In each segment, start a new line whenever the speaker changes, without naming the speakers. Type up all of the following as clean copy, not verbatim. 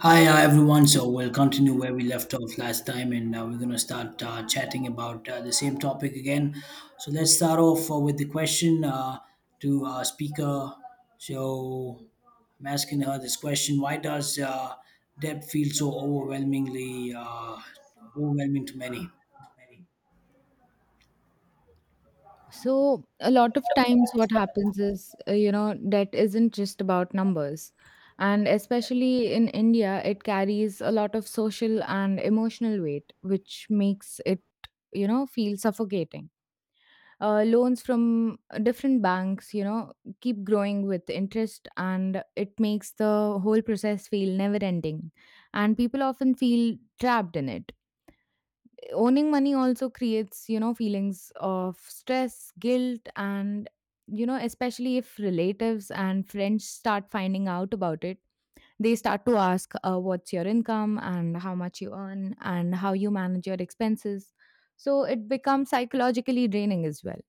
Hi everyone. So we'll continue where we left off last time, and we're gonna start chatting about the same topic again. So let's start off with the question to speaker. So I'm asking her this question: Why does debt feel so overwhelming to many?
So, a lot of times, what happens is, debt isn't just about numbers. And especially in India, it carries a lot of social and emotional weight, which makes it, feel suffocating. Loans from different banks, keep growing with interest, and it makes the whole process feel never ending. And people often feel trapped in it. Owning money also creates, feelings of stress, guilt, and, especially if relatives and friends start finding out about it, they start to ask what's your income and how much you earn and how you manage your expenses. So it becomes psychologically draining as well.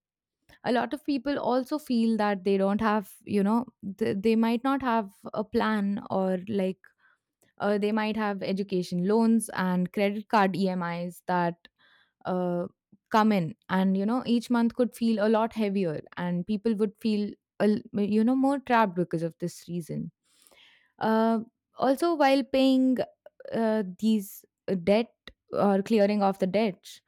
A lot of people also feel that they don't have, they might not have a plan, or like they might have education loans and credit card EMIs that uh, come in, and each month could feel a lot heavier, and people would feel a l- you know more trapped because of this reason uh, Also, while paying these debt, or clearing off the debts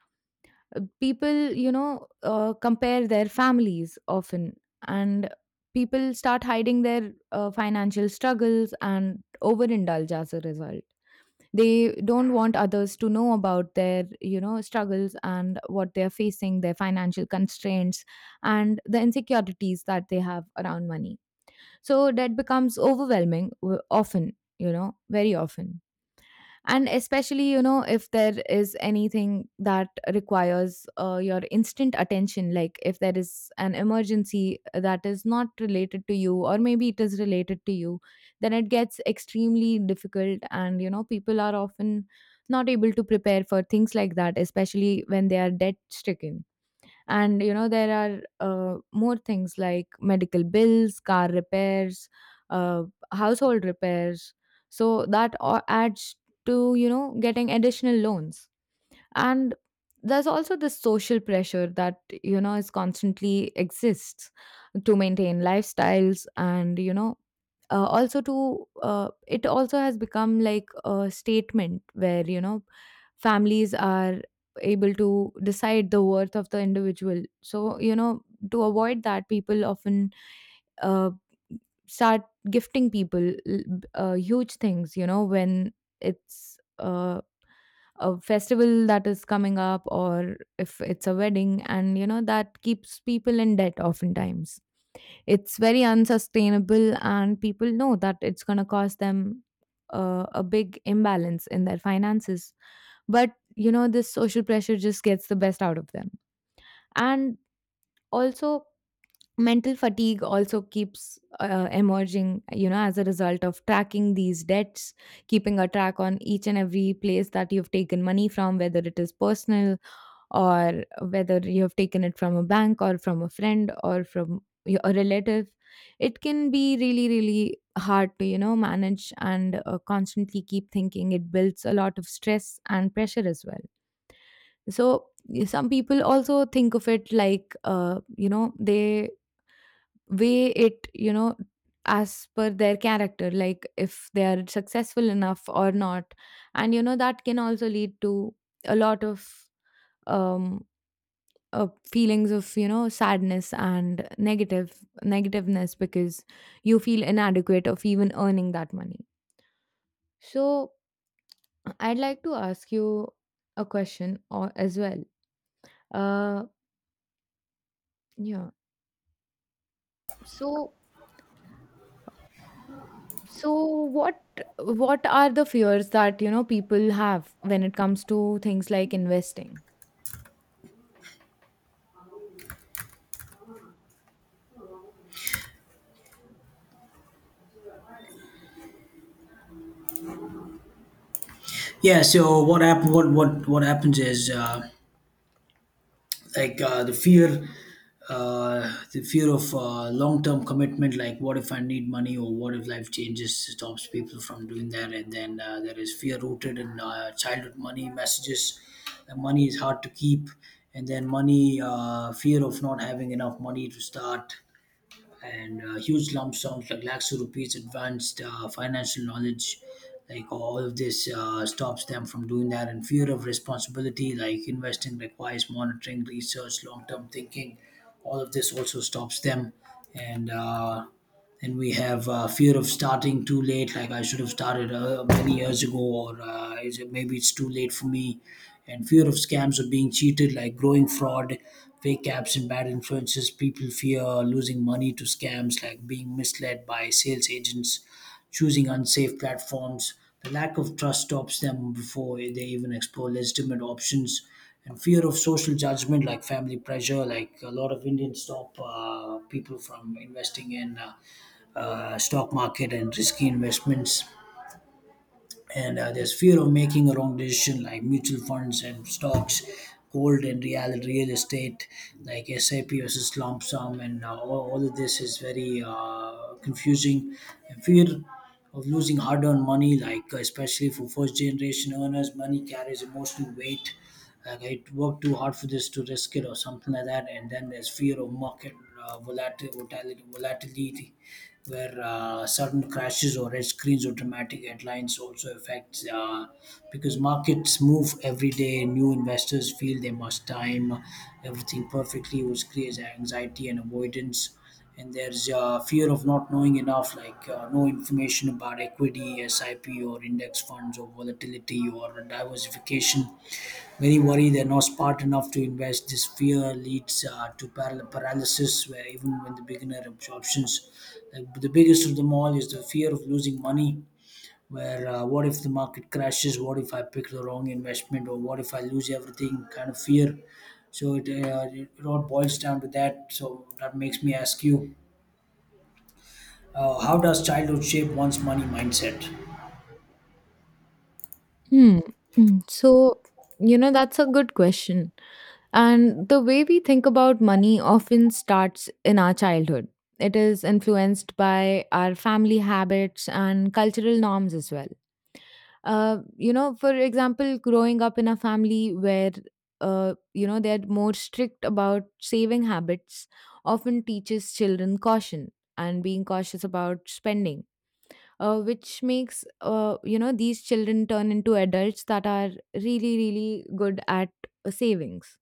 uh, people compare their families often. And people start hiding their financial struggles and overindulge as a result. They don't want others to know about their struggles, and what they're facing, their financial constraints, and the insecurities that they have around money. So that becomes overwhelming, often, very often. And especially, if there is anything that requires your instant attention, like if there is an emergency that is not related to you, or maybe it is related to you, then it gets extremely difficult, and people are often not able to prepare for things like that, especially when they are debt stricken. And there are more things like medical bills, car repairs, uh, household repairs. So that all adds to getting additional loans. And there's also this social pressure that is constantly exists to maintain lifestyles. And you know also to it also has become like a statement where families are able to decide the worth of the individual. So to avoid that, people often uh, start gifting people huge things, when it's a festival that is coming up, or if it's a wedding. And that keeps people in debt oftentimes. It's very unsustainable, and people know that it's going to cause them a big imbalance in their finances. But this social pressure just gets the best out of them. And also, mental fatigue also keeps emerging, as a result of tracking these debts, keeping a track on each and every place that you've taken money from, whether it is personal, or whether you have taken it from a bank, or from a friend, or from a relative. It can be really, really hard to manage, and constantly keep thinking. It builds a lot of stress and pressure as well. So some people also think of it like, they weigh it, as per their character, like if they are successful enough or not. And, that can also lead to a lot of um, feelings of, sadness and negativeness, because you feel inadequate of even earning that money. So I'd like to ask you a question or as well. Uh, yeah. So So, what are the fears that, people have when it comes to things like investing?
Yeah. So what happened? What happens is. Like uh, the fear the fear of long-term commitment, like what if I need money or what if life changes, stops people from doing that. And then there is fear rooted in childhood money messages that money is hard to keep. And then money fear of not having enough money to start, and huge lump sums like lakhs of rupees, advanced financial knowledge, like all of this stops them from doing that. And fear of responsibility, like investing requires monitoring, research, long term thinking, all of this also stops them. And then we have fear of starting too late, like I should have started many years ago, or is it maybe it's too late for me. And fear of scams or being cheated, like growing fraud, fake apps, and bad influences. People fear losing money to scams, like being misled by sales agents, choosing unsafe platforms. The lack of trust stops them before they even explore legitimate options. And fear of social judgment, like family pressure, like a lot of Indians stop people from investing in stock market and risky investments. And there's fear of making a wrong decision, like mutual funds and stocks, gold and real estate, like SIP versus lump sum, and all of this is very confusing. And fear of losing hard-earned money, like especially for first generation earners, money carries emotional weight, like I worked too hard for this to risk it, or something like that. And then there's fear of market volatility, where sudden crashes or red screens or dramatic headlines also affects, because markets move every day, new investors feel they must time everything perfectly, which creates anxiety and avoidance. And there's fear of not knowing enough, like no information about equity, SIP, or index funds, or volatility, or diversification. Many worry they're not smart enough to invest. This fear leads to paralysis, where even when the beginner absorptions, like the biggest of them all is the fear of losing money. Where what if the market crashes? What if I pick the wrong investment, or what if I lose everything? Kind of fear. So it all boils down to that. So that makes me ask you, how does childhood shape one's money mindset?
Hmm. So, that's a good question. And the way we think about money often starts in our childhood. It is influenced by our family habits and cultural norms as well. For example, growing up in a family where, they're more strict about saving habits often teaches children caution and being cautious about spending, which makes, these children turn into adults that are really, really good at savings.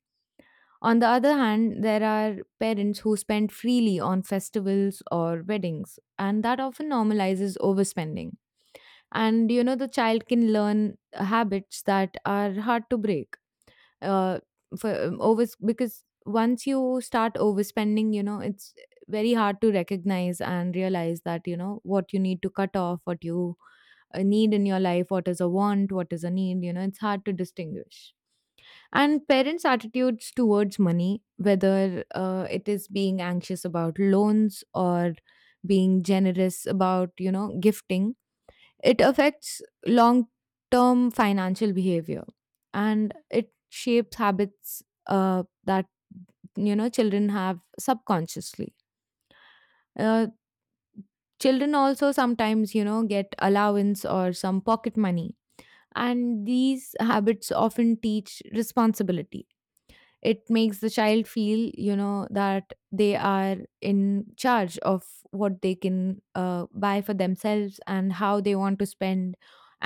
On the other hand, there are parents who spend freely on festivals or weddings, and that often normalizes overspending, and the child can learn habits that are hard to break. Uh, for over Because once you start overspending, it's very hard to recognize and realize that what you need to cut off, what you need in your life, what is a want, what is a need. It's hard to distinguish. And parents' attitudes towards money, whether it is being anxious about loans, or being generous about gifting, it affects long term financial behavior, and it shapes habits that children have subconsciously. Uh, Children also sometimes get allowance or some pocket money, and these habits often teach responsibility. It makes the child feel, that they are in charge of what they can buy for themselves, and how they want to spend.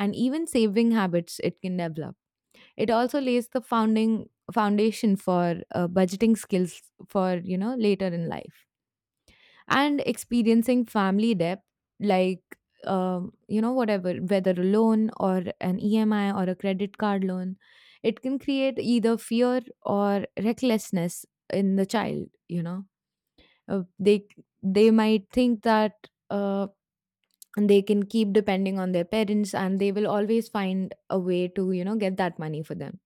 And even saving habits, it can develop. It also lays the founding foundation for budgeting skills for later in life. And experiencing family debt, like you know whatever whether a loan, or an EMI, or a credit card loan, it can create either fear or recklessness in the child. You know uh, they they might think that uh, they can keep depending on their parents, and they will always find a way to get that money for them.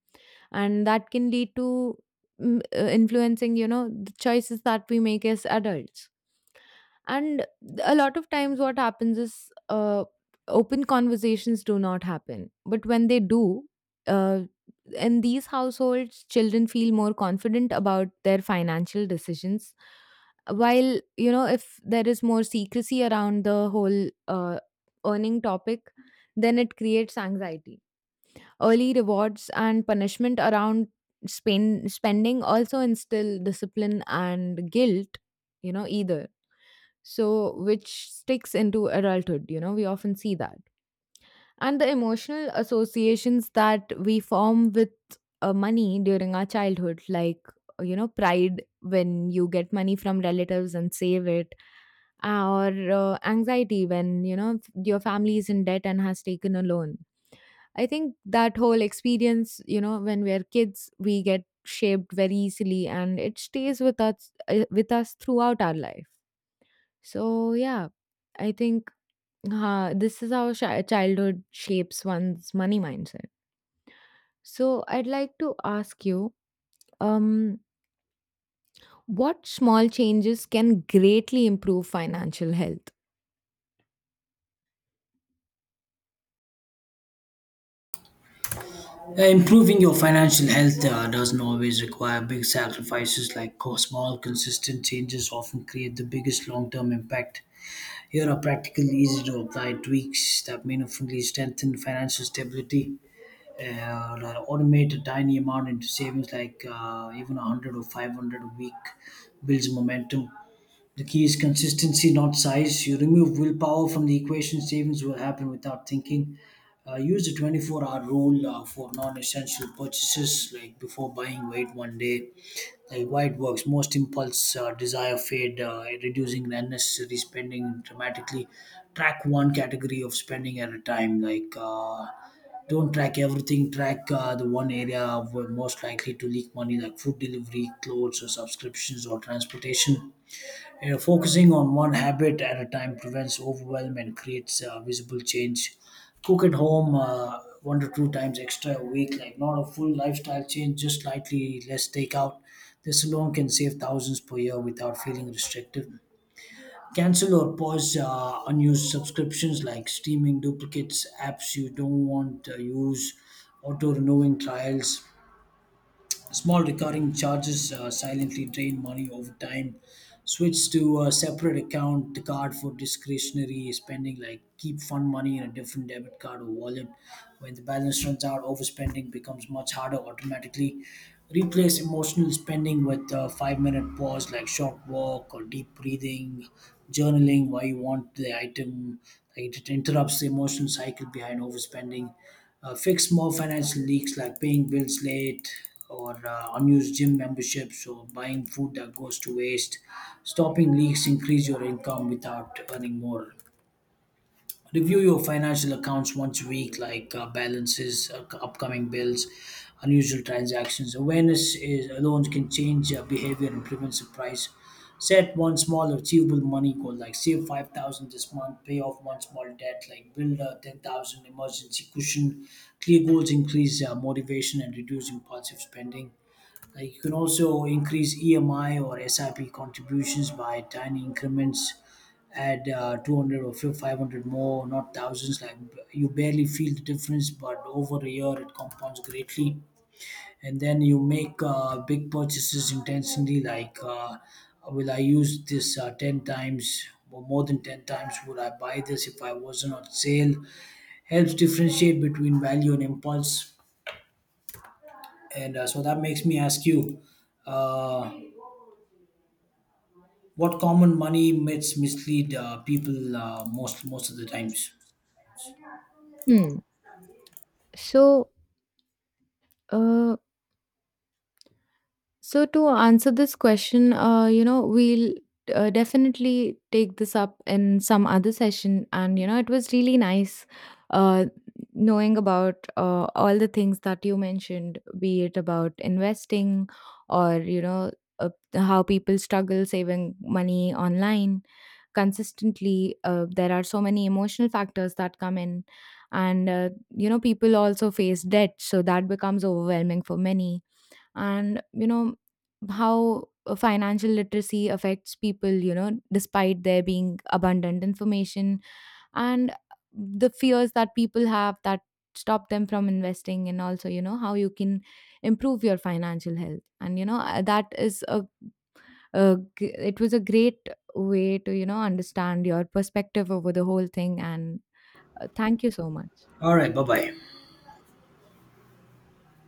And that can lead to influencing the choices that we make as adults. And a lot of times, what happens is open conversations do not happen. But when they do, uh, in these households, children feel more confident about their financial decisions. While, if there is more secrecy around the whole earning topic, then it creates anxiety. Early rewards and punishment around spending also instill discipline and guilt, you know, either so which sticks into adulthood. We often see that. And the emotional associations that we form with money during our childhood, like pride when you get money from relatives and save it, or anxiety when your family is in debt and has taken a loan. I think that whole experience, when we're kids, we get shaped very easily, and it stays with us throughout our life. So yeah, I think this is how childhood shapes one's money mindset. So I'd like to ask you, um, what small changes can greatly improve financial health?
Improving your financial health doesn't always require big sacrifices, like small, consistent changes often create the biggest long term impact. Here are practical, easy to apply tweaks that meaningfully strengthen financial stability. Uh, Automate a tiny amount into savings, like even 100 or 500 a week, builds momentum. The key is consistency, not size. You remove willpower from the equation, savings will happen without thinking. Use the 24-hour rule for non essential purchases, like before buying, wait 1 day. Like why it works. Most impulse desire fade, reducing unnecessary spending dramatically. Track one category of spending at a time. Like, don't track everything, track the one area where most likely to leak money, like food delivery, clothes, or subscriptions, or transportation. You know, focusing on one habit at a time prevents overwhelm and creates visible change. Cook at home one to two times extra a week, like not a full lifestyle change, just slightly less takeout. This alone can save thousands per year without feeling restrictive. Cancel or pause unused subscriptions, like streaming duplicates, apps you don't want to use, auto renewing trials. Small recurring charges silently drain money over time. Switch to a separate account card for discretionary spending, like keep fun money in a different debit card or wallet. When the balance runs out, overspending becomes much harder automatically. Replace emotional spending with a 5 minute pause, like short walk or deep breathing, journaling why you want the item. Like it interrupts the emotional cycle behind overspending. Fix more financial leaks, like paying bills late, or unused gym memberships, or buying food that goes to waste. Stopping leaks increase your income without earning more. Review your financial accounts once a week, like balances, upcoming bills, unusual transactions. Awareness is alone can change behavior and prevent surprise. Set one small achievable money goal, like save 5,000 this month, pay off one small debt, like build a 10,000 emergency cushion. Clear goals increase motivation and reduce impulsive spending. Like, you can also increase EMI or SIP contributions by tiny increments, add 200 or 500 more, not thousands. Like, you barely feel the difference, but over a year it compounds greatly. And then you make big purchases intentionally, like will I use this 10 times? Or more than 10 times? Would I buy this if I wasn't on sale? Helps differentiate between value and impulse. And so that makes me ask you, uh, what common money myths mislead people most of the times?
Hmm. So, uh, to answer this question, you know, we'll definitely take this up in some other session. And it was really nice uh, knowing about all the things that you mentioned, be it about investing, or how people struggle saving money online consistently. There are so many emotional factors that come in, and people also face debt, so that becomes overwhelming for many. And how financial literacy affects people despite there being abundant information, and the fears that people have that stop them from investing, and also how you can improve your financial health, and you know that is a g- it was a great way to understand your perspective over the whole thing. And thank you so much.
All right, bye bye.